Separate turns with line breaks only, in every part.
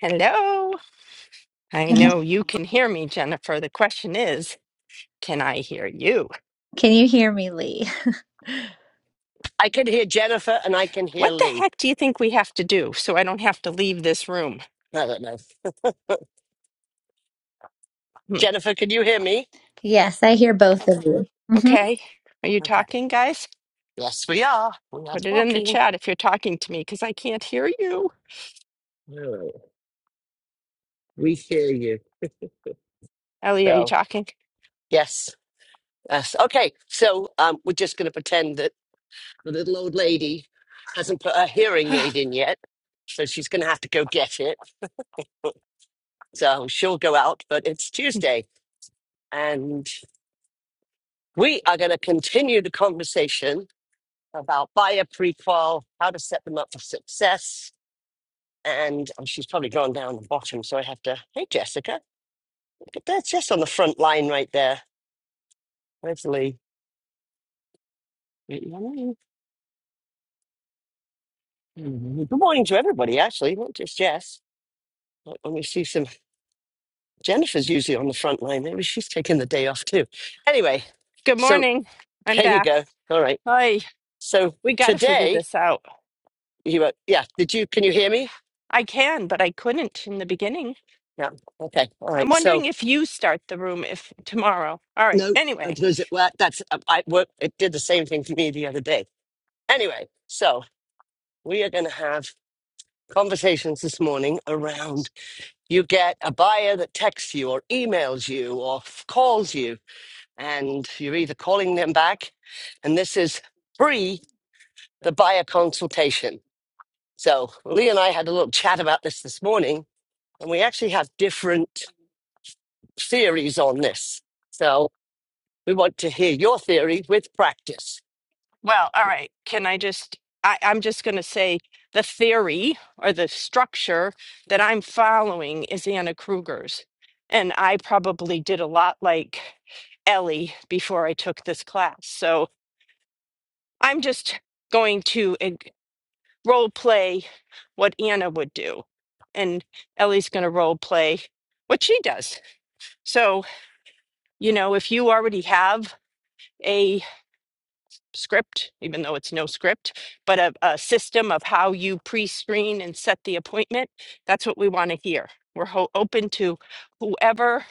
Hello. I
Good mo-
know you can hear me, Jennifer. The question is, can I hear you?
Can you hear me, Lee?
I can hear Jennifer and I can hear
What the
Lee.
heck do you think we have to do so I don't have to leave this room?
I don't know.
Hmm.
Jennifer, can you hear me?
Yes, I hear both of you. hmm
Okay. Are you
Okay.
talking, guys?
Yes, we are. We are
Put it in the
talking.
chat if you're talking to me because I can't hear you.
Alright. We hear you.
Ellie, are you
So,
talking?
yes. Yes. Okay. So, um, we're just going to pretend that the little old lady hasn't put her hearing aid in yet. So, she's going to have to go get it. So, she'll go out, but it's Tuesday. And we are going to continue the conversation about buyer prequal, how to set them up for success, and oh, she's probably gone down the bottom, so I have to. Hey, Jessica, but that's just on the front line right there. There's Good morning Mhm. Good morning to everybody, actually, not just Jess. But When we see some, Jennifer's usually on the front line. Maybe she's taking the day off too. Anyway,
Good
so
morning. I'm
there you
back.
go. All right.
Hi.
So
We got to figure
today,
this out.
you were, yeah. Did you? Can you hear me?
I can, but I couldn't in the beginning.
Yeah. Okay. All
I'm
right. So
wondering if you start the room if tomorrow. All right.
no, uh,
Anyway,
does it work? That's um, I work. It did the same thing to me the other day. Anyway, so we are going to have conversations this morning around you get a buyer that texts you or emails you or f- calls you, and you're either calling them back, and this is free the buyer consultation. So Lee and I had a little chat about this this morning, and we actually have different theories on this. So we want to hear your theory with practice.
Well, all right. Can I just, I, I'm just going to say the theory or the structure that I'm following is Anna Kruger's. And I probably did a lot like Ellie before I took this class. So I'm just going to ig- role play what Anna would do. And Ellie's going to role play what she does. So, you know, if you already have script, even though it's no script, but a, a system of how you pre screen and set the appointment. That's what we want to hear. We're ho- open to whoever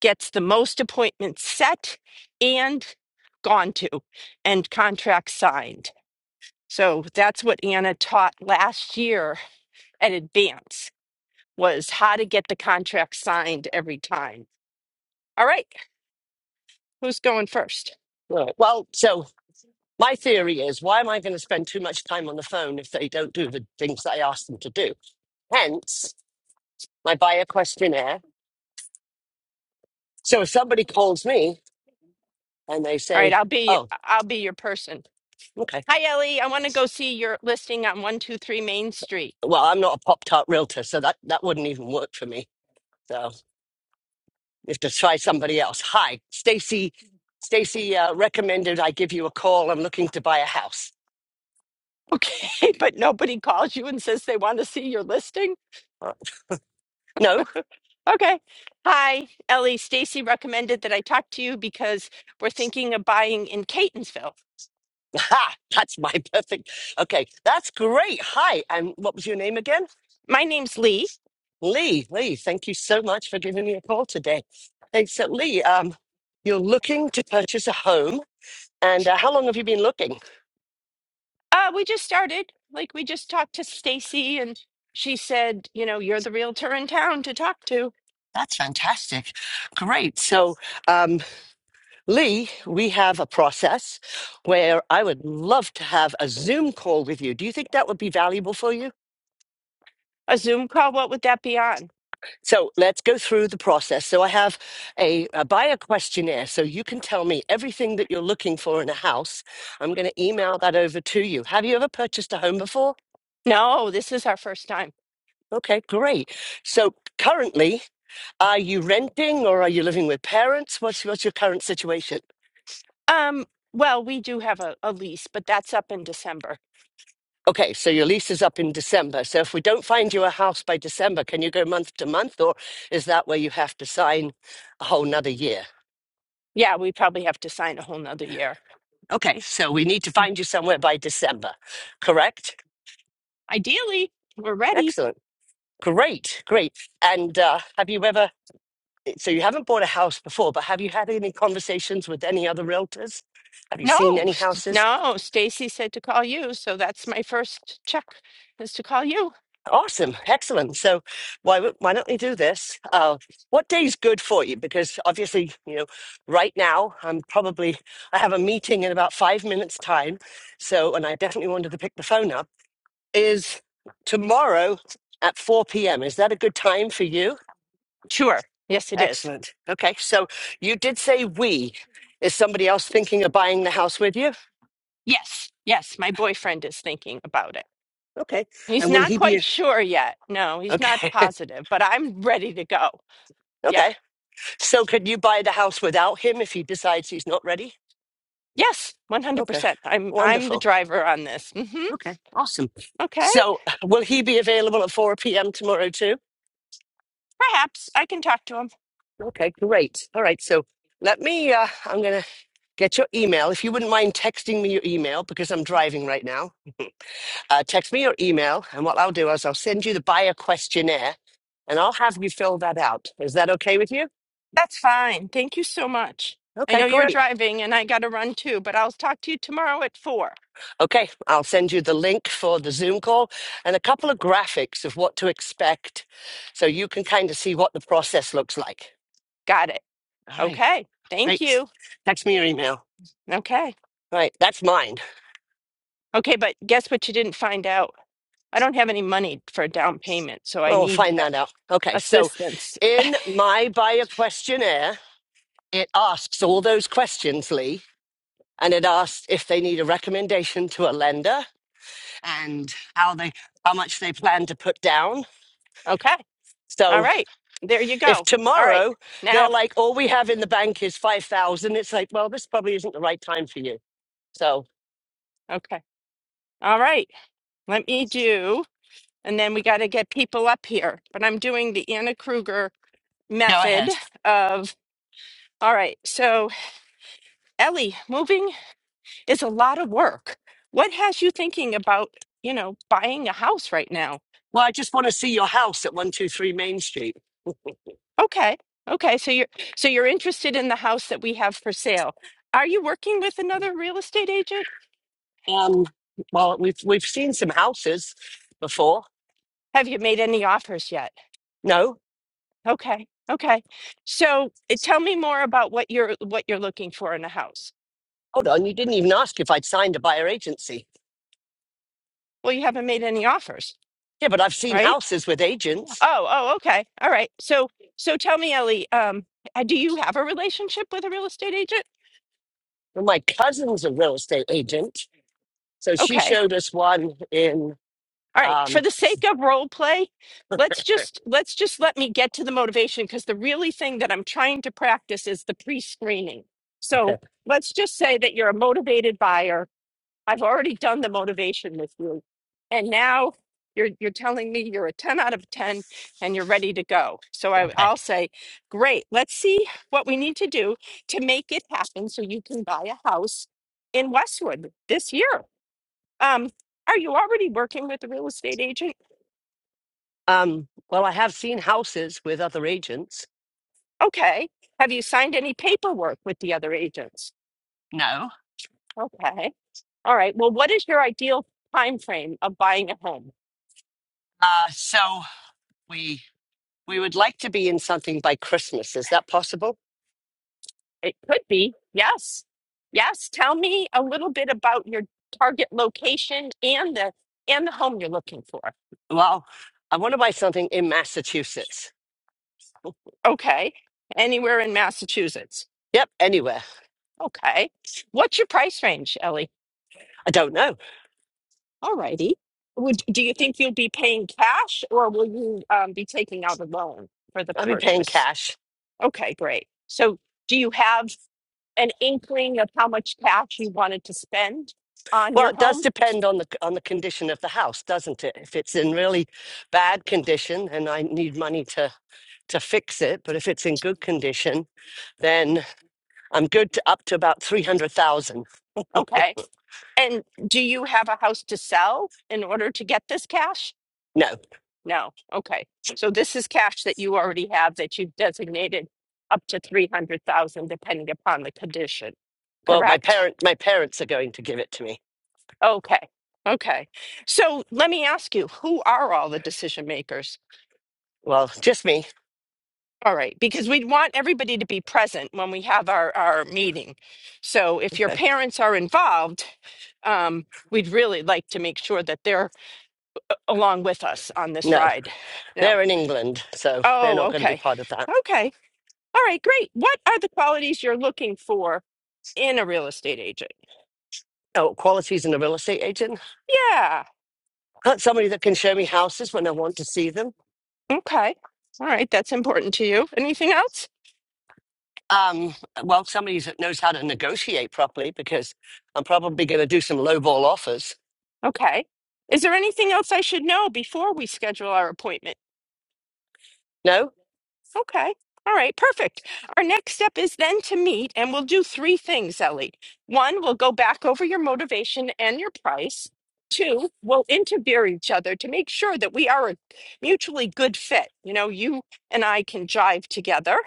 gets the most appointments set and gone to and contracts signed. So that's what Anna taught last year at Advance was how to get the contract signed every time. All right, who's going first?
Right. Well, so my theory is why am I going to spend too much time on the phone if they don't do the things that I ask them to do? Hence my buyer questionnaire. So if somebody calls me and they
All right,
say,
I'll be
oh,
I'll be your person.
okay,
Hi, Ellie. I want to go see your listing on 123 Main Street.
well, I'm not a Pop Tart realtor, so that, that wouldn't even work for me. So. is to try somebody else. Hi, Stacy. Stacy uh, recommended I give you a call. I'm looking to buy a house.
Okay, but nobody calls you and says they want to see your listing?
Uh, No,
Okay. Hi, Ellie. Stacy recommended that I talk to you because we're thinking of buying in Catonsville.
ha, that's my perfect. Okay, that's great. Hi, and what was your name again?
My name's Lee.
Lee. Lee, thank you so much for giving me a call today. Hey, so Lee, um, you're looking to purchase a home, and uh, how long have you been looking?
Uh, we just started. Like we just talked to Stacy and she said, you know, you're the realtor in town to talk to.
That's fantastic. Great. So, um, Lee, we have a process where I would love to have a Zoom call with you. Do you think that would be valuable for you?
A Zoom call, what would that be on?
So let's go through the process. So I have a, a buyer questionnaire. So you can tell me everything that you're looking for in a house. I'm going to email that over to you. Have you ever purchased a home before?
No, this is our first time.
Okay, great. So currently, are you renting or are you living with parents? What's, what's your current situation?
Um, well, we do have a, a lease, but that's up in December.
Okay, so your lease is up in December. So if we don't find you a house by December, can you go month to month, or is that where you have to sign a whole nother year?
Yeah, we probably have to sign a whole nother year.
Okay, so we need to find you somewhere by December, correct?
Ideally, we're ready.
Excellent. Great, great. And uh, have you ever, so you haven't bought a house before, but have you had any conversations with any other realtors? Have you
No,
seen any
st-
houses?
no, Stacy said to call you, so that's my first check is to call you.
Awesome, excellent. So, why w- why don't we do this? Uh, what day is good for you? Because obviously, you know, right now I'm probably I have a meeting in about five minutes' time. So, and I definitely wanted to pick the phone up. Is tomorrow at four p.m. Is that a good time for you?
Sure. Yes, it is.
Excellent. Okay, so you did say we. Is somebody else thinking of buying the house with you?
Yes, yes, my boyfriend is thinking about it.
Okay,
He's
and will
not
he
quite
be?
sure yet. No, he's not
Okay,
positive, but I'm ready to go. Yeah.
okay. So, could you buy the house without him if he decides he's not ready?
Yes,
Okay.
100%. I'm I'm the
Wonderful.
driver on this. Mhm.
Okay. Awesome.
Okay.
So, will he be available at 4 p.m. tomorrow too?
Perhaps I can talk to him.
Okay. Great. All right. So, let me, uh, I'm going to get your email. If you wouldn't mind texting me your email because I'm driving right now, uh, text me your email. And what I'll do is I'll send you the buyer questionnaire and I'll have you fill that out. Is that okay with you?
That's fine. Thank you so much. I
Okay,
know you're
great.
driving and I got to run too, but I'll talk to you tomorrow at four.
Okay, I'll send you the link for the Zoom call and a couple of graphics of what to expect so you can kind of see what the process looks like.
Got it.
All right.
Okay. Thank
Great.
you.
Text me your email.
Okay.
Right. That's mine.
Okay. But guess what you didn't find out? I don't have any money for a down payment, so I
Well, we'll
need
find
uh,
that out. Okay. So
assistance.
in my buyer questionnaire, it asks all those questions, Lee, and it asks if they need a recommendation to a lender and how they, how much they plan to put down.
Okay. All
So
right. There you go.
if
All right.
tomorrow they're
Now,
like, all we have in the bank is 5,000, it's like, well, this probably isn't the right time for you. So
okay. All right. Let me do, and then we got to get people up here. But I'm doing the Anna Kruger
go
method
ahead.
of, all right. So, Ellie, moving. is a lot of work. What has you thinking about, you know, buying a house right now?
Well, I just want to see your house at 123 Main Street.
Okay. Okay, so you're so you're interested in the house that we have for sale. Are you working with another real estate agent?
Um, well, we've we've seen some houses before.
Have you made any offers yet?
No,
Okay. Okay. So, eh, tell me more about what you're what you're looking for in a house.
hold on, you didn't even ask if I'd signed a buyer agency.
Well, you haven't made any offers,
Yeah, but I've seen
right?
houses with agents.
Oh, oh, okay. All right. So, so tell me, Ellie, um, eh, do you have a relationship with a real estate agent?
Well, my cousin's a real estate agent, so she
Okay.
showed us one in.
All right, for
Um,
the sake of role play, let's just let's just let me get to the motivation because the really thing that I'm trying to practice is the pre-screening.
okay,
So, let's just say that you're a motivated buyer. I've already done the motivation with you. And now you're you're telling me you're a 10 out of 10 and you're ready to go. So I,
okay.
I'll say, "Great. Let's see what we need to do to make it happen so you can buy a house in Westwood this year." Um, are you already working with a real estate agent?
Um, well, I have seen houses with other agents.
Okay. Have you signed any paperwork with the other agents?
No,
Okay. All right. Well, what is your ideal time frame of buying a home?
uh, so we we would like to be in something by Christmas. Is that possible?
It could be yes. Yes, tell me a little bit about your target location and the and the home you're looking for.
Well, I want to buy something in Massachusetts.
Okay. Anywhere in Massachusetts.
Yep, anywhere.
Okay. What's your price range, Ellie?
I don't know.
All righty. Would do you think you'll be paying cash or will you um, be taking out a loan for the
I'll be paying
purchase?
cash.
Okay, great. So do you have an inkling of how much cash you wanted to spend on
Well,
your
it does
home?
depend on the on the condition of the house, doesn't it? If it's in really bad condition and I need money to to fix it, but if it's in good condition, then I'm good to up to about three hundred thousand.
Okay. And do you have a house to sell in order to get this cash?
No,
No. Okay. So this is cash that you already have that you've designated up to 300,000 depending upon the condition.
well, my
Correct?
parent my parents are going to give it to me.
Okay. Okay. So let me ask you, who are all the decision makers?
Well, just me.
All right, because we want everybody to be present when we have our, our meeting. So if your
Okay.
parents are involved, um, we'd really like to make sure that they're along with us on this
No,
ride. No.
they're in England, so they're
Oh,
not going to be
okay.
part of that.
Okay. All right, great. What are the qualities you're looking for in a real estate agent?
Oh, qualities in a real estate agent.
Yeah.
Not somebody that can show me houses when I want to see them
Okay. All right, that's important to you. Anything else?
Um, well, somebody that knows how to negotiate properly, because I'm probably going to do some lowball offers.
Okay. Is there anything else I should know before we schedule our appointment?
No,
Okay. All right. Perfect. Our next step is then to meet and we'll do three things, Ellie. One, we'll go back over your motivation and your price. Two, we'll interview each other to make sure that we are a mutually good fit. You know, you and I can jive together.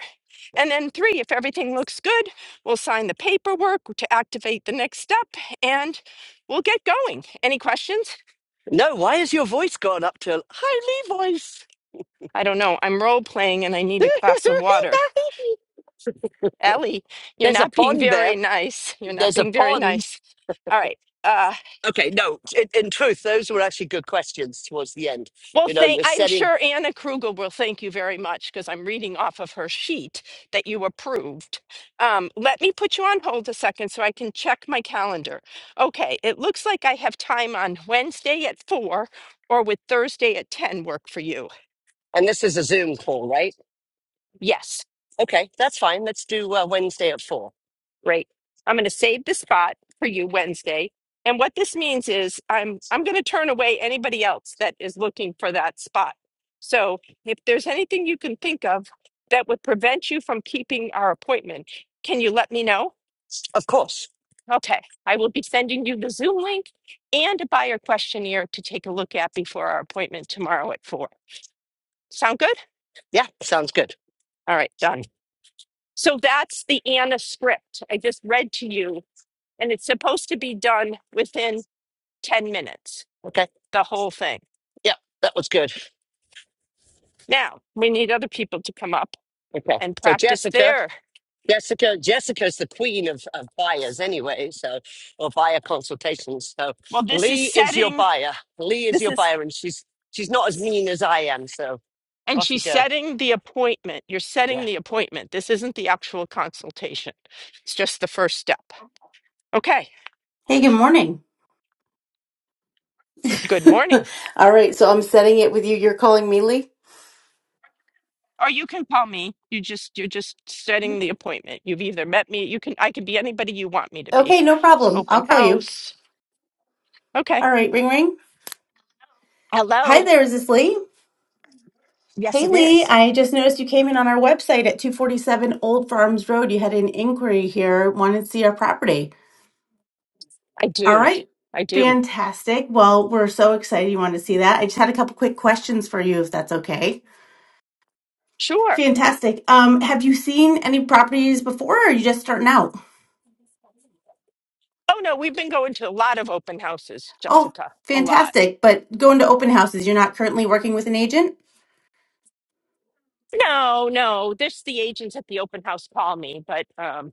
And then three, if everything looks good, we'll sign the paperwork to activate the next step and we'll get going. Any questions?
no. Why is your voice gone up to a highly voice?
I don't know. I'm role playing and I need a glass of water. Ellie, you're
There's a
not being
pond there.
very nice. You're not
There's a
being very
pond.
nice. All right. Uh,
Okay, no. In, in truth, those were actually good questions towards the end.
well,
You know,
thank.
you're
I'm
setting,
sure Anna Krugel will thank you very much because I'm reading off of her sheet that you approved. Um, let me put you on hold a second so I can check my calendar. Okay, it looks like I have time on Wednesday at four, or with Thursday at ten work for you.
and this is a Zoom call, right?
Yes.
Okay, that's fine. Let's do uh, Wednesday at four.
Great. I'm going to save the spot for you Wednesday. And what this means is I'm I'm going to turn away anybody else that is looking for that spot. So if there's anything you can think of that would prevent you from keeping our appointment, can you let me know?
Of course.
Okay. I will be sending you the Zoom link and a buyer questionnaire to take a look at before our appointment tomorrow at 4. Sound good?
Yeah, sounds good.
All right, done. So that's the Anna script I just read to you and it's supposed to be done within 10 minutes,
Okay.
the whole thing.
Yeah, that was good.
Now, we need other people to come up
Okay.
and
So
practice
Jessica.
there.
Jessica, Jessica's the queen of, of buyers anyway, so or buyer consultations. So
Well, this is
Lee is your
setting,
buyer. Lee is
this
your
is,
buyer, and she's she's not as mean as I am. So
and
off you
she's
go.
setting the appointment. You're
Yeah,
setting the appointment. This isn't the actual consultation, it's just the first step. Okay,
Hey, good morning.
good morning.
All right, so I'm setting it with you. You're calling me Lee?
Or you can call me. You just you're just setting the appointment. You've either met me. You can I could be anybody you want me to be.
Okay, no problem.
Open
I'll call you.
house. Okay.
All right, ring ring. Hi
Hello.
there, is this Lee?
Yes,
Hey
it
Lee,
is.
I just noticed you came in on our website at 247 Old Farms Road. You had an inquiry here, wanted to see our property.
I
All
do.
right,
I do.
fantastic. Well, we're so excited you want to see that. I just had a couple quick questions for you if that's okay.
Sure.
Fantastic. Um, have you seen any properties before or are you just starting out?
Oh no, we've been going to a lot of open houses,
Oh,
Jessica. A lot.
fantastic. But going to open houses, you're not currently working with an agent?
No, no. This the agents at the open house call me, but um,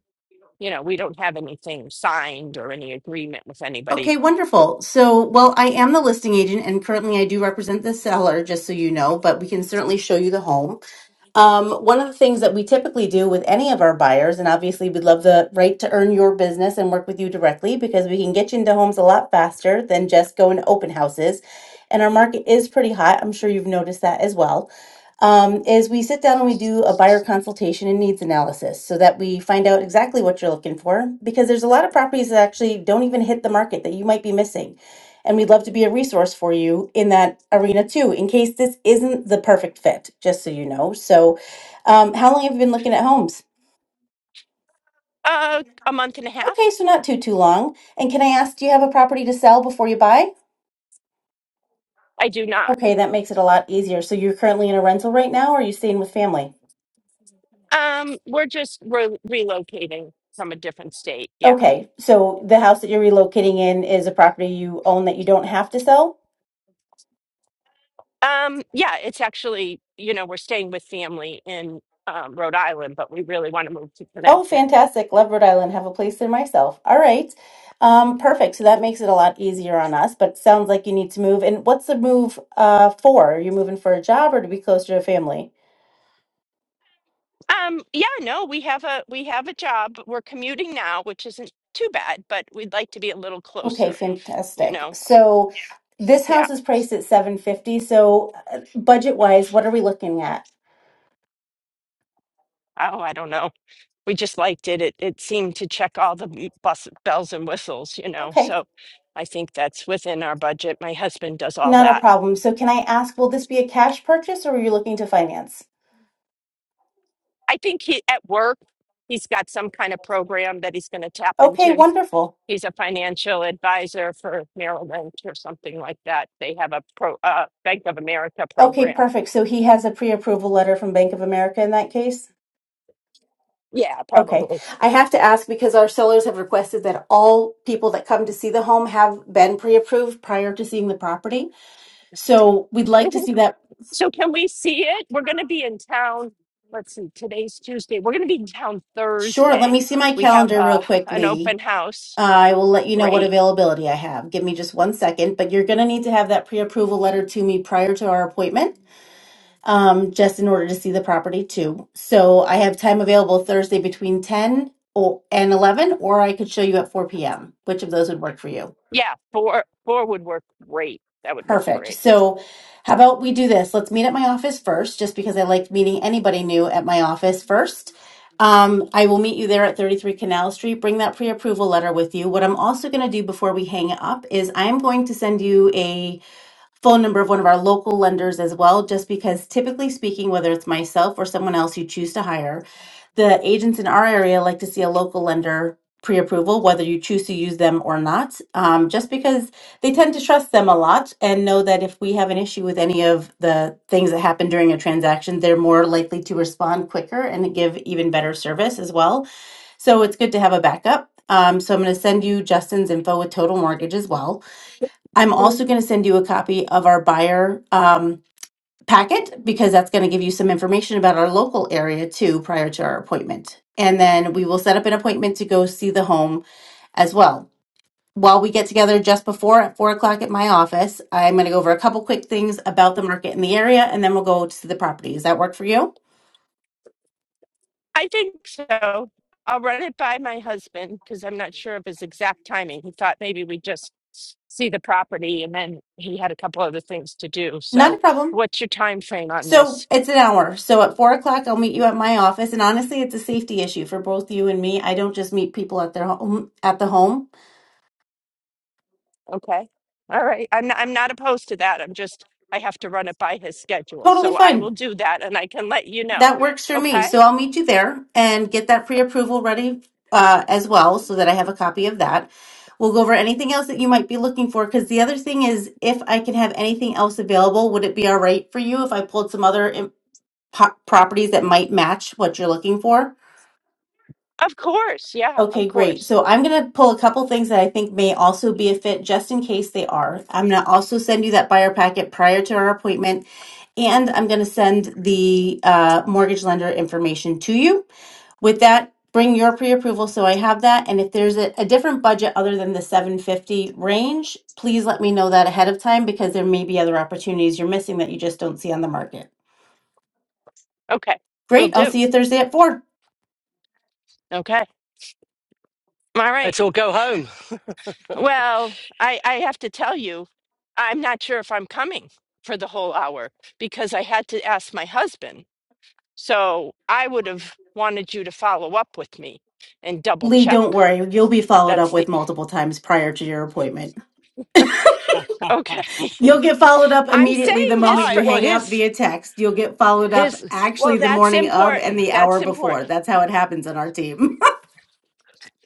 you know, we don't have anything signed or any agreement with anybody.
Okay, wonderful. So, well, I am the listing agent and currently I do represent the seller, just so you know, but we can certainly show you the home. Um, one of the things that we typically do with any of our buyers, and obviously we'd love the right to earn your business and work with you directly because we can get you into homes a lot faster than just going to open houses. And our market is pretty hot. I'm sure you've noticed that as well. Um, is we sit down and we do a buyer consultation and needs analysis so that we find out exactly what you're looking for because there's a lot of properties that actually don't even hit the market that you might be missing. And we'd love to be a resource for you in that arena too, in case this isn't the perfect fit, just so you know. So, um, how long have you been looking at homes?
Uh, a month and a half?
Okay, so not too, too long. And can I ask, do you have a property to sell before you buy?
I do not.
Okay, that makes it a lot easier. So, you're currently in a rental right now, or are you staying with family?
Um, we're just re- relocating from a different state. Yeah.
Okay, so the house that you're relocating in is a property you own that you don't have to sell?
Um, yeah, it's actually, you know, we're staying with family in um, Rhode Island, but we really want to move to
Oh,
Connecticut.
fantastic. Love Rhode Island. Have a place there myself. All right. Um, perfect. So that makes it a lot easier on us, but sounds like you need to move. And what's the move uh, for? Are you moving for a job or to be closer to family?
Um, yeah, no, we have a we have a job. We're commuting now, which isn't too bad, but we'd like to be a little
Okay,
closer, you
fantastic.
know.
So this
Yeah.
house is priced at 750. So budget wise, what are we looking at?
Oh, I don't know. We just liked it. It it seemed to check all the m- bus, bells and whistles, you know.
Okay,
So I think that's within our budget. My husband does all
not a
that.
problem. So can I ask, will this be a cash purchase or are you looking to finance?
I think he at work, he's got some kind of program that he's going to tap
Okay,
into
wonderful.
He's a financial advisor for Merrill Lynch or something like that. They have a pro, uh, Bank of America
Okay,
program.
perfect. So he has a pre-approval letter from Bank of America in that case?
Yeah,
Okay.
probably.
I have to ask because our sellers have requested that all people that come to see the home have been pre-approved prior to seeing the property. So we'd like to
Mhm.
see that.
So can we see it? We're going to be in town. Let's see, today's Tuesday. We're going to be in town
Sure. Let
Thursday.
me see my
We have
calendar
uh,
real
an
quickly.
open house.
I will let you know what
Great.
availability I have. Give me just one second, but you're going to need to have that pre-approval letter to me prior to our appointment, um, just in order to see the property too. So I have time available Thursday between 10 o- and 11, or I could show you at 4 p.m. Which of those would work for you?
Yeah, four four would work great. That would work
Perfect.
great.
So, how about we do this? Let's meet at my office first, just because I like meeting anybody new at my office first. Um, I will meet you there at 33 Canal Street. Bring that pre approval letter with you. What I'm also going to do before we hang up is I'm going to send you a phone number of one of our local lenders as well, just because typically speaking, whether it's myself or someone else you choose to hire, the agents in our area like to see a local lender pre-approval whether you choose to use them or not um, just because they tend to trust them a lot and know that if we have an issue with any of the things that happen during a transaction they're more likely to respond quicker and give even better service as well so it's good to have a backup um, so i'm going to send you justin's info with total mortgage as well i'm also going to send you a copy of our buyer um, packet because that's going to give you some information about our local area too prior to our appointment. And then we will set up an appointment to go see the home as well. While we get together just before at four o'clock at my office, I'm going to go over a couple quick things about the market in the area and then we'll go to the property. Does that work for you?
I think so. I'll run it by my husband because I'm not sure of his exact timing. He thought maybe we'd just s- see the property and then he had a couple other things to do.
Not a
So
problem.
what's your time frame on
So
this?
it's an hour. So at four o'clock, I'll meet you at my office. And honestly, it's a safety issue for both you and me. I don't just meet people at their home, at the home.
Okay. All right. I'm not, I'm not opposed to that. I'm just I have to run it by his schedule.
Totally
So I will
fine.
do that and I can let you know.
That works for me.
Okay?
So I'll meet you there and get that pre-approval ready uh, as well so that I have a copy of that. We'll go over anything else that you might be looking for because the other thing is if I can have anything else available, would it be all right for you if I pulled some other im- po- properties that might match what you're looking for?
Of course. Yeah, of
Okay, great.
course.
So I'm going to pull a couple things that I think may also be a fit just in case they are. I'm going to also send you that buyer packet prior to our appointment, and I'm going to send the uh, mortgage lender information to you. With that, bring your pre-approval so I have that. And if there's a, a different budget other than the 750 range, please let me know that ahead of time because there may be other opportunities you're missing that you just don't see on the market.
Okay. Will
Great. I'll
do.
see you Thursday at 4.
Okay. All right.
let's all go home.
Well, I, I have to tell you, I'm not sure if I'm coming for the whole hour because I had to ask my husband. So I would have wanted you to follow up with me and double
Lee,
check.
don't worry. You'll be followed up
That's the
with multiple times prior to your appointment.
okay.
You'll get followed up
I'm
immediately the
saying
All
this
moment you
for
right. Well,
hang up
here's
via text. You'll get followed up
here's
well,
actually the
that's
morning of and
important.
the
That's
hour before.
important.
That's how it happens on our team.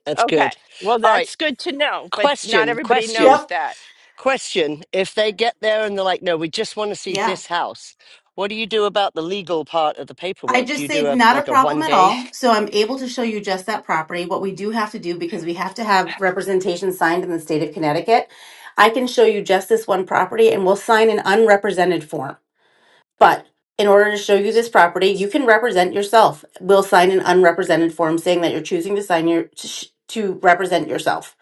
that's
Okay.
good.
Well,
All right.
that's good to know, but not
Question,
everybody
question,
knows
yep.
that.
question. If they get there and they're like, no, we just want to see
Yeah.
this house. What do you do about the legal part of the
I
paperwork? Do
just
you
say
do a
not a
like a
problem
one
at
day?
all. So I'm able to show you just that property. What we do have to do because we have to have representation signed in the state of Connecticut. I can show you just this one property and we'll sign an unrepresented form. But in order to show you this property, you can represent yourself. We'll sign an unrepresented form saying that you're choosing to sign your to, sh- to represent yourself.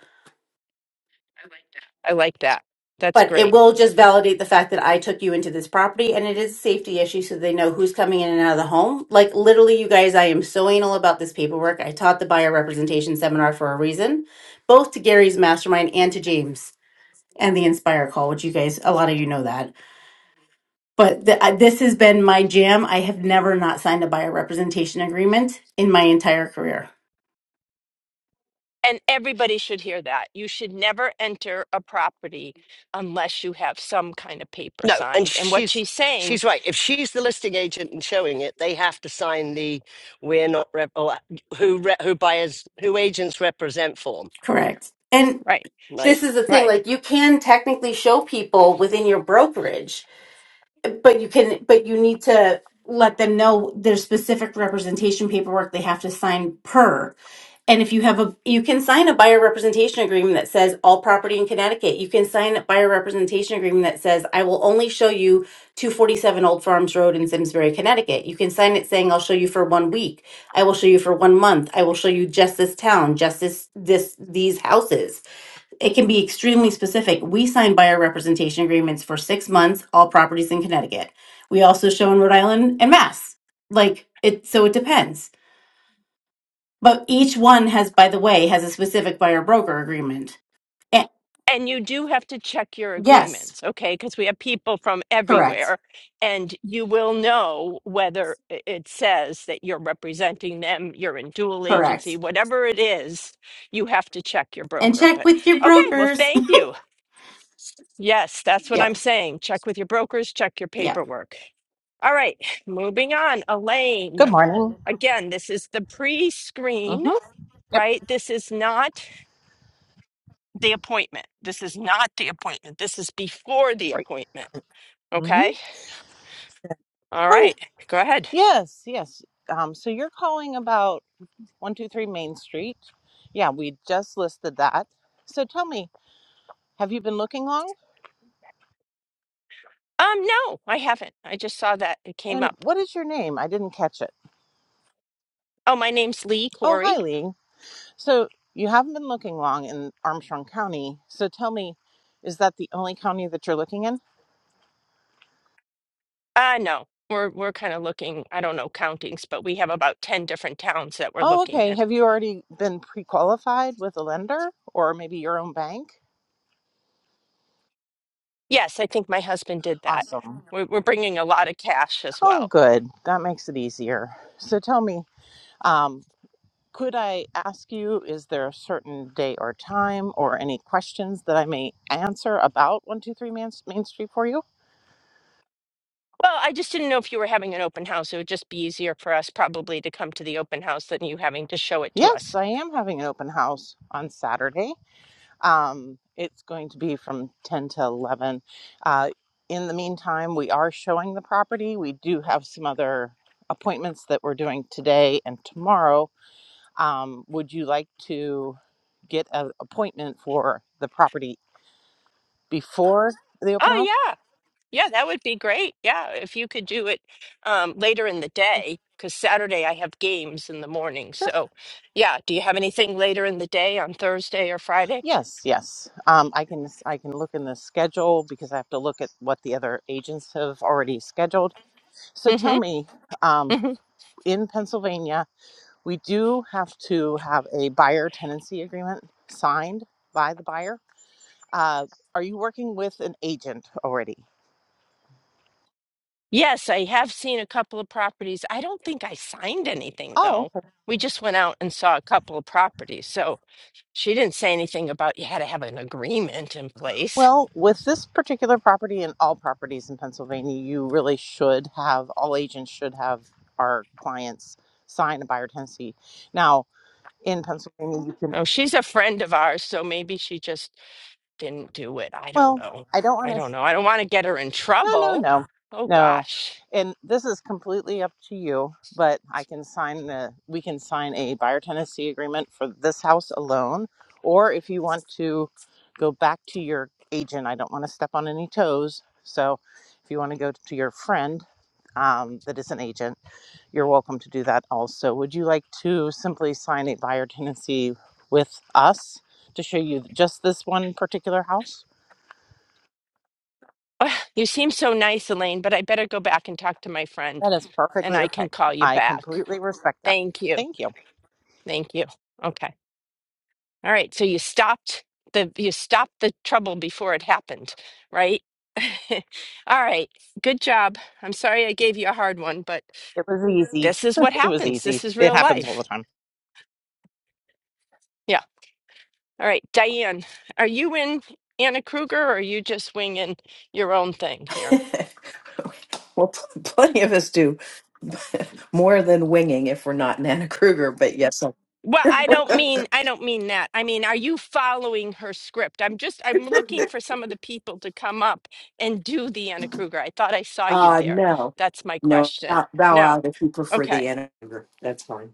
I like that. That's
But it
great.
will just validate the fact that I took you into this property and it is a safety issue so they know who's coming in and out of the home. Like literally you guys, I am so anal about this paperwork. I taught the buyer representation seminar for a reason, both to Gary's mastermind and to James and the Inspire call, which you guys a lot of you know that. But th- I- this has been my jam. I have never not signed a buyer representation agreement in my entire career.
And everybody should hear that. You should never enter a property unless you have some kind of paper
No, and
signed. And what
she's
she's saying,
she's right. If she's the listing agent and showing it, they have to sign the we're not rep or who re, who buyers who agents represent form,
Correct. And
right,
this
right?
is the thing,
right.
like you can technically show people within your brokerage, but you can but you need to let them know there's specific representation paperwork they have to sign per. And if you have a, you can sign a buyer representation agreement that says all property in Connecticut. You can sign a buyer representation agreement that says I will only show you 247 Old Farms Road in Simsbury, Connecticut. You can sign it saying I'll show you for one week. I will show you for one month. I will show you just this town, just this, this, these houses. It can be extremely specific. We sign buyer representation agreements for six months, all properties in Connecticut. We also show in Rhode Island and Mass. Like it, so it depends but each one has, by the way, has a specific buyer broker agreement. And
And you do have to check your
yes,
agreements, okay? Because we have people from
correct,
everywhere, and you will know whether i- it says that you're representing them, you're in dual agency,
correct.
whatever it is, you have to check your
And
broker.
check
But
with your
okay, well,
brokers.
thank you. Yes, that's what I'm
Yep,
saying. Check with your brokers, check your
yep.
paperwork. All right, moving on.
Good
Elaine.
morning.
Again, this is the pre screen,
Mm-hmm. Yep.
right? This is not the appointment. This is not the appointment. This is before the
Right.
appointment.
Mm-hmm.
Okay. All right. Go ahead.
Yes, yes. Um, so you're calling about 123 Main Street. Yeah, we just listed that. So tell me, have you been looking long?
Um, no, I haven't. I just saw that it came
And
up.
what is your name? I didn't catch it.
Oh, my name's Lee
Oh,
Corey.
hi, Lee. So you haven't been looking long in Armstrong County. So tell me, is that the only county that you're looking in?
Uh, no, we're, we're kind of looking, I don't know countings, but we have about 10 different towns that we're
Oh,
looking
okay.
at.
Have you already been pre qualified with a lender or maybe your own bank?
Yes, I think my husband did that.
Awesome.
We're, we're bringing a lot of cash as well.
Oh, good. That makes it easier. So tell me. Um, could I ask you, is there a certain day or time or any questions that I may answer about 123 Main, Main Street for you?
Well, I just didn't know if you were having an open house. It would just be easier for us probably to come to the open house than you having to show it to
Yes,
us.
I am having an open house on Saturday. Um, it's going to be from 10 to 11. Uh, in the meantime, we are showing the property. We do have some other appointments that we're doing today and tomorrow. Um, would you like to get an appointment for the property before the open house?
Oh, yeah. Yeah, that would be great. Yeah, if you could do it um, later in the day, because Saturday I have games in the morning.
Sure.
So, yeah, do you have anything later in the day on Thursday or Friday?
Yes, yes. Um, I can I can look in the schedule because I have to look at what the other agents have already scheduled. So tell
hmm
me, um,
hmm
in Pennsylvania, we do have to have a buyer tenancy agreement signed by the buyer. Uh, are you working with an agent already?
Yes, I have seen a couple of properties. I don't think I signed anything,
Oh,
though.
okay.
We just went out and saw a couple of properties. So she didn't say anything about you had to have an agreement in place.
well, with this particular property and all properties in Pennsylvania, you really should have all agents should have our clients sign a buyer tenancy. Now, in Pennsylvania, you can.
Oh, she's a friend of ours, so maybe she just didn't do it. I don't
Well,
know.
I don't
I
want to.
don't know. I don't want to get her in
No, no,
trouble.
no,
Oh,
no.
gosh.
And this is completely up to you, but I can sign the. We can sign a buyer tenancy agreement for this house alone, or if you want to go back to your agent. I don't want to step on any toes, so if you want to go to your friend um, that is an agent, you're welcome to do that also. Would you like to simply sign a buyer tenancy with us to show you just this one particular house?
Ah, You seem so nice, Elaine, but I better go back and talk to my friend
That is
and
perfectly
I
okay.
can call you
I
back.
completely respect that.
Thank you.
Thank you.
Thank you. Okay. All right. So you stopped the you stopped the trouble before it happened, right? All right. Good job. I'm sorry I gave you a hard one, but
It was easy.
this is what
it was
happens.
easy.
This is
It
real
happens all the
life.
time.
Yeah. All right, Diane, are you in Anna Kruger or are you just winging your own thing here?
well, pl- plenty of us do more than winging if we're not Nana Kruger, but yes,
Well, I don't mean I don't mean that. I mean, are you following her script? I'm just I'm looking
I-
for some of the people to come up and do the Anna Kruger. I thought I saw you
uh,
there.
no,
That's my
no,
question.
not bow
No.
out if you prefer
Okay.
the Nana. Kruger. That's fine.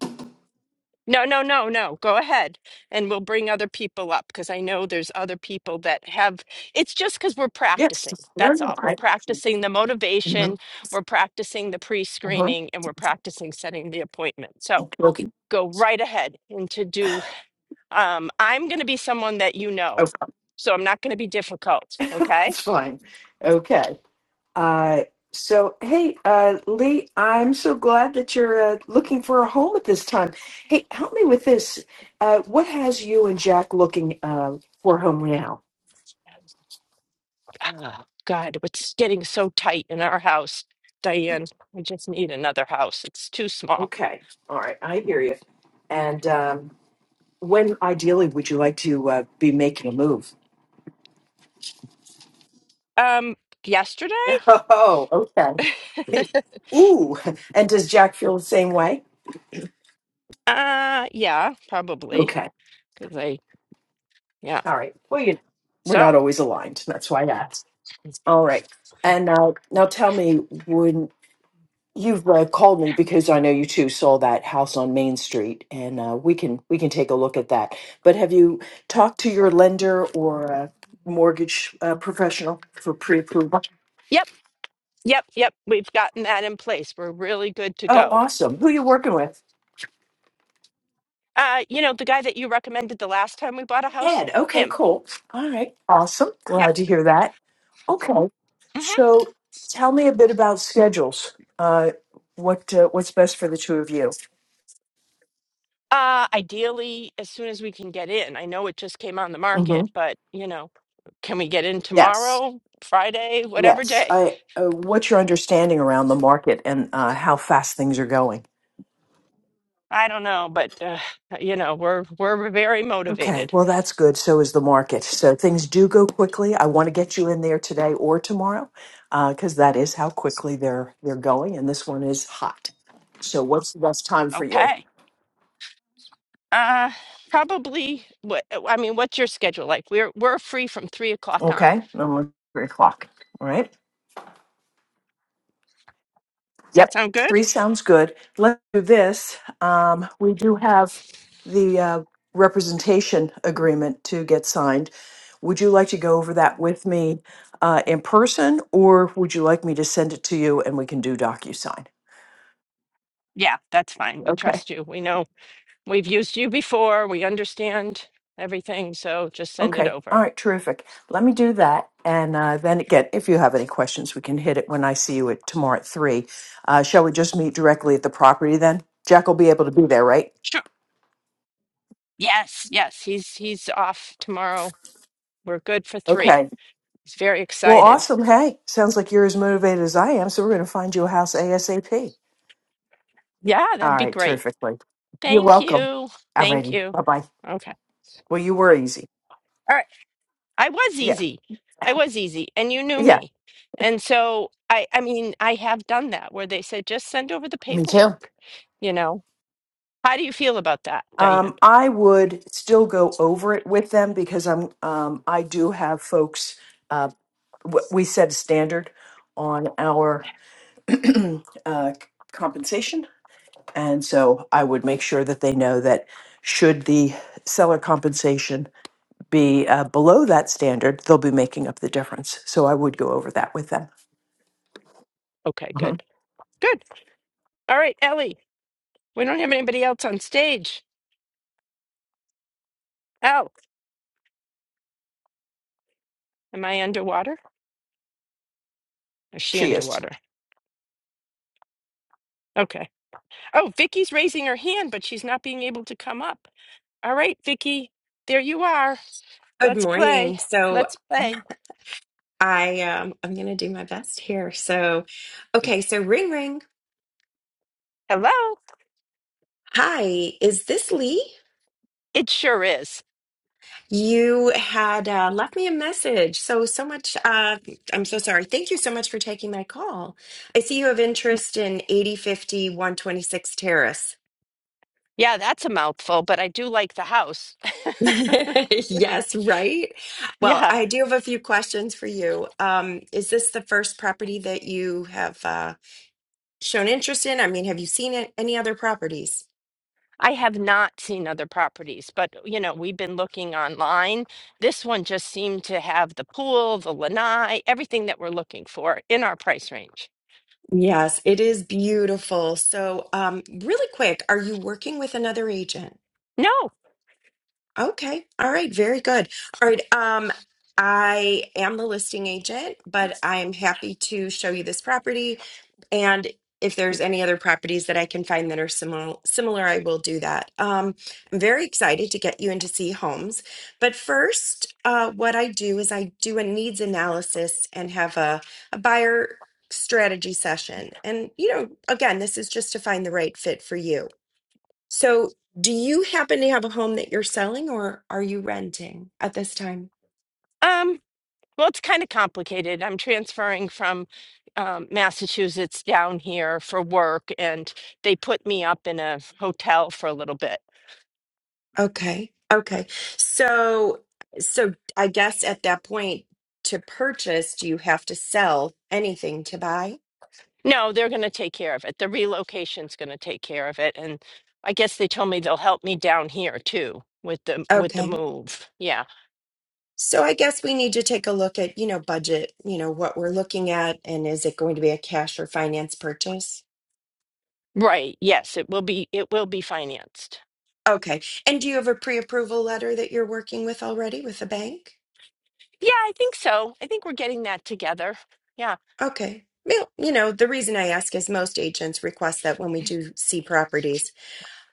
No, no, no, no. Go ahead. And we'll bring other people up because I know there's other people that have. It's just because we're
Yes,
practicing.
no,
That's
no,
all. We're
I.
practicing the motivation,
Mhm,
we're practicing the pre
mhm.
screening, and we're practicing setting the appointment. So
Okay, okay,
go right ahead and to do. Um, I'm going to be someone that you
Oh,
know. So I'm not going to be difficult. Okay.
that's fine. Okay. Uh, so, hey, uh, Lee, I'm so glad that you're uh, looking for a home at this time. Hey, help me with this. Uh, what has you and Jack looking uh, for a home now?
Oh God, it's getting so tight in our house. Diane, I just need another house. It's too small.
Okay. All right. I hear you. And um, when ideally would you like to uh, be making a move?
Um, yesterday?
Oh, okay. Ooh. And does Jack feel the same way?
Uh, yeah, probably
Okay.
because I, yeah.
All right. Well, you we're not
So,
always aligned. That's why I asked. All right. And now, now tell me, You've uh, called me because I know you too saw that house on Main Street, and uh, we can we can take a look at that. But have you talked to your lender or a mortgage uh, professional for pre-approval?
yep, yep, yep. We've gotten that in place. We're really good to
Oh,
go.
awesome! Who you working with?
Uh, you know, the guy that you recommended the last time we bought a house,
Ed. Okay,
him.
cool. All right, awesome.
Yep.
Glad to hear that. Okay,
hmm
so tell me a bit about schedules. Uh, what uh, what's best for the two of you?
Uh, ideally, as soon as we can get in. I know it just came on the
hmm
market, but you know, can we get in
Yes.
tomorrow, Friday, whatever
Yes,
day?
I. Uh, what's your understanding around the market and uh, how fast things are going?
I don't know, but uh, you know, we're we're very
Okay,
motivated.
well that's good. So is the market. So things do go quickly. I want to get you in there today or tomorrow, because that is how quickly they're they're going. And this one is hot. So what's the best time for you?
Okay. Uh, probably. What uh, I mean, what's your schedule like? We're we're free from three o'clock on.
Okay, I'm on three o'clock. All right.
Does that
Yep.
sound good?
Three sounds good. Let's do this. Um, we do have the uh, representation agreement to get signed. Would you like to go over that with me uh, in person, or would you like me to send it to you and we can do DocuSign?
Yeah, that's fine. We
Okay.
trust you. We know we've used you before. We understand everything. So just send it
Okay. All
over.
right. Terrific. Let me do that. And uh, then again, if you have any questions, we can hit it when I see you at tomorrow at three. Uh, shall we just meet directly at the property then? Jack will be able to be there, right?
Sure. Yes. Yes. He's he's off tomorrow. We're good for three.
Okay.
He's very
Well,
excited.
awesome. Hey, sounds like you're as motivated as I am. So we're going to find you a house ASAP.
Yeah,
All
that'd be
right,
great.
terrifically. You're
Thank
welcome.
you. Thank
Alrighty,
you.
bye bye.
Okay.
Well, you were easy.
All right. I was
Yeah,
easy. I was easy and you knew
yeah.
me. And so I I mean, I have done that where they said just send over the
Me too.
paperwork, you know. How do you feel about that, Diane?
Um, I would still go over it with them because I'm. Um, I do have folks. Uh, w- we set a standard on our uh, compensation, and so I would make sure that they know that should the seller compensation be uh, below that standard, they'll be making up the difference. So I would go over that with them.
Okay,
Mhm.
good. Good. All right, Ellie. We don't have anybody else on stage. Elle, am I underwater? Is she
She is.
underwater? Okay. Oh, Vicky's raising her hand, but she's not being able to come up. All right, Vicky. There you are.
Good
Let's play.
morning. So
Let's play.
I um I'm gonna do my best here. So okay, so ring ring.
Hello.
Hi, is this Lee?
It sure is.
You had uh, left me a message. So so much uh I'm so sorry. Thank you so much for taking my call. I see you have interest in 8050 126 Terrace.
Yeah, that's a mouthful, but I do like the house.
Yes, right? Well,
Yeah,
I do have a few questions for you. Um, is this the first property that you have uh shown interest in? I mean, have you seen it, any other properties?
I have not seen other properties, but you know, we've been looking online. This one just seemed to have the pool, the lanai, everything that we're looking for in our price range.
Yes, it is beautiful. So, um, really quick, are you working with another agent?
No,
Okay. All right. Very good. All right. Um, I am the listing agent, but
it's-
I'm happy to show you this property. And if there's any other properties that I can find that are similar, similar, I will do that. Um, I'm very excited to get you in to see homes. But first, uh, what I do is I do a needs analysis and have a, a buyer strategy session. And, you know, again, this is just to find the right fit for you. So, do you happen to have a home that you're selling or are you renting at this time?
um, well, it's kind of complicated. I'm transferring from um, Massachusetts down here for work, and they put me up in a hotel for a little bit.
Okay. Okay. So, so I guess at that point to purchase, do you have to sell anything to buy?
No, they're going to take care of it. The relocation's going to take care of it, and I guess they told me they'll help me down here too with the with the
Okay.
move. Yeah,
So I guess we need to take a look at, you know, budget, you know, what we're looking at and is it going to be a cash or finance purchase?
right. Yes, it will be it will be financed.
Okay. And do you have a pre-approval letter that you're working with already with the bank?
Yeah, I think so. I think we're getting that together. Yeah.
Okay. Well, you know, the reason I ask is most agents request that when we do see properties.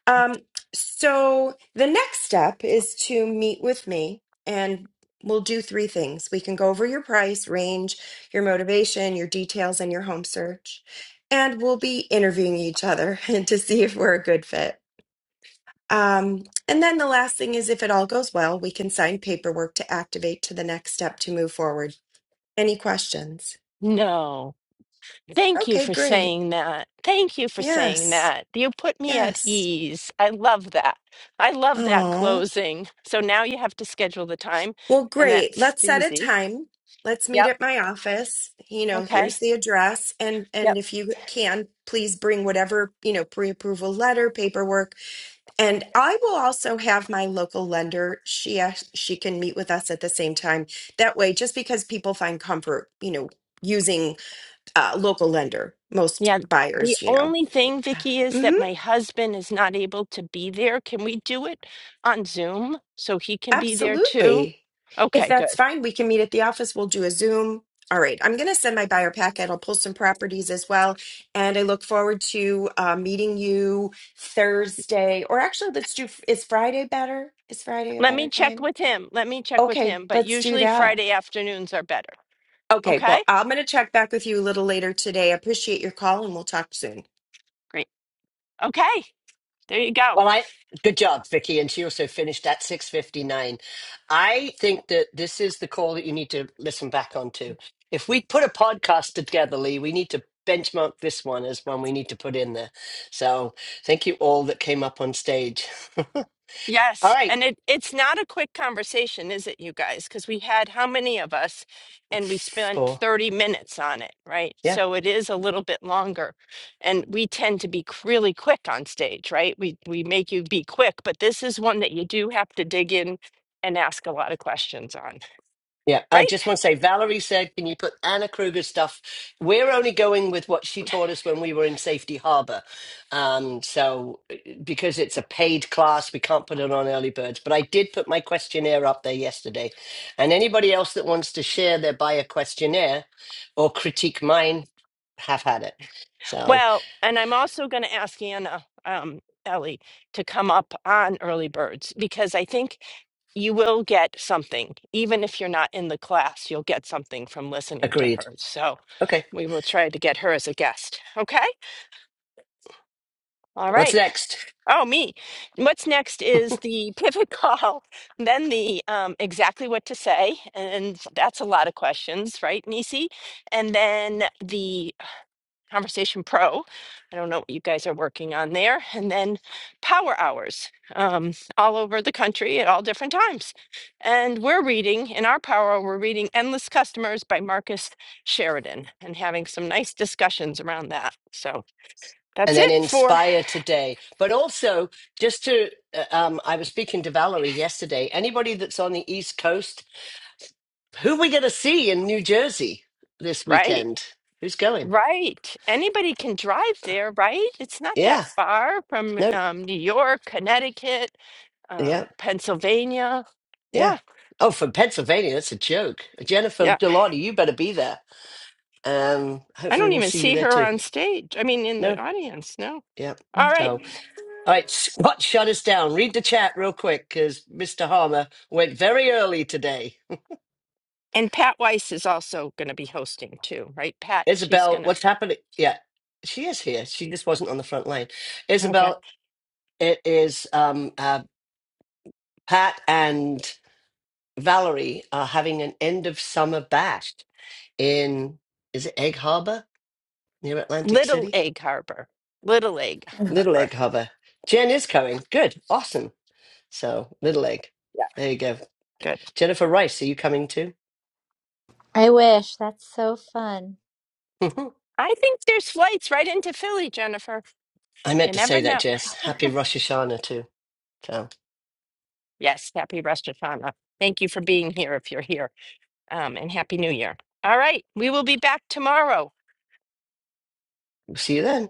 Um, so the next step is to meet with me and we'll do three things. We can go over your price range, your motivation, your details, and your home search. And we'll be interviewing each other to see if we're a good fit. Um, and then the last thing is if it all goes well, we can sign paperwork to activate to the next step to move forward. Any questions?
No. Thank you
Okay,
for
great.
saying that. Thank you for saying
Yes.
that. You put me at
Yes.
ease. I love that. I love that
Oh,
closing. So now you have to schedule the time,
well,
and
great.
that's
Let's set a
easy.
time. Let's meet
Yep.
at my office. You know,
Okay.
here's the address. And
Yep.
and if you can, please bring whatever, you know, pre-approval letter, paperwork. And I will also have my local lender. She act- she can meet with us at the same time. That way, just because people find comfort, you know, using uh, local lender, most
Yeah. The
buyers, you know.
only thing, Vicky, is
hmm
that my husband is not able to be there. Can we do it on Zoom so he can be there too?
Absolutely. If
Okay,
that's
good.
fine, we can meet at the office. We'll do a Zoom. All right. I'm going to send my buyer packet. I'll pull some properties as well. And I look forward to uh, meeting you Thursday. Or actually, let's do, is Friday better? Is Friday a
Let
better
me check
time?
with him. Let me check with
Okay,
him. But
let's do
usually
that.
Friday afternoons are better.
Okay. Well,
Okay?
I'm going to check back with you a little later today. Appreciate your call and we'll talk soon.
Great. Okay. There you go.
Well, I good job, Vicky, and she also finished at six fifty nine. I think that this is the call that you need to listen back on to. If we put a podcast together, Lee, we need to benchmark this one as one we need to put in there. So, thank you all that came up on stage. all
Yes,
right,
and it it's not a quick conversation, is it, you guys? Because we had how many of us, and we spent
four.
30 minutes on it, right?
Yeah.
So it is a little bit longer, and we tend to be c- really quick on stage, right? We we make you be quick, but this is one that you do have to dig in and ask a lot of questions on,
Yeah, I
right?
just want to say, Valerie said, can you put Anna Kruger stuff? We're only going with what she taught us when we were in Safety Harbor. Um, so, uh, because it's a paid class, we can't put it on early birds. But I did put my questionnaire up there yesterday. And anybody else that wants to share their buyer questionnaire or critique mine, have had it. So,
Well, and I'm also going to ask Anna, um, Ellie, to come up on early birds because I think you will get something. Even if you're not in the class, you'll get something from listening to
agreed.
her. So
Okay,
we will try to get her as a guest. Okay? All
what's
right.
next?
Oh, me. What's next is the pivot call, then the um, exactly what to say. And that's a lot of questions, right, Nisi? And then the Conversation Pro. I don't know what you guys are working on there. And then power hours um, all over the country at all different times. And we're reading, in our power, hour, we're reading Endless Customers by Marcus Sheridan and having some nice discussions around that. So
and
that's
then
it for
inspire today. But also, just to, uh, um, I was speaking to Valerie yesterday. Anybody that's on the East Coast, who we going to see in New Jersey this
right.
weekend? Who's going?
Right. Anybody can drive there, right? It's not that
Yeah,
far from
no,
um, New York, Connecticut,
yeah,
um, Pennsylvania.
yeah.
Yeah.
Oh, from Pennsylvania, that's a joke. Jennifer
Yeah.
Delotti, you better be there. Um,
I
hopefully,
don't
we'll
even
see you
see
there
her
too.
on stage. I mean, in
No,
the audience, no.
yeah.
All right.
So, all right, Scott, shut us down. Read the chat real quick because Mr. Harmer went very early today.
And Pat Weiss is also going to be hosting too, right? Pat, she's
Isabel,
going to,
what's happening? Yeah, she is here. She just wasn't on the front line.
okay.
Isabel, it is um, uh, Pat and Valerie are having an end of summer bash in, is it Egg Harbor near Atlantic
Little
City?
Egg Harbor. Little Egg
Little
Harbor.
Egg Harbor. Jen is coming. Good. Awesome. So, Little Egg.
Yeah,
There you go.
good.
Jennifer Rice, are you coming too?
I wish. That's so fun.
I think there's flights right into Philly, Jennifer.
I meant
You
to say
never
that,
know.
Jess. Happy Rosh Hashanah too. So,
Yes, happy Rosh Hashanah. Thank you for being here if you're here. Um, and Happy New Year. All right. We will be back tomorrow.
we'll see you then.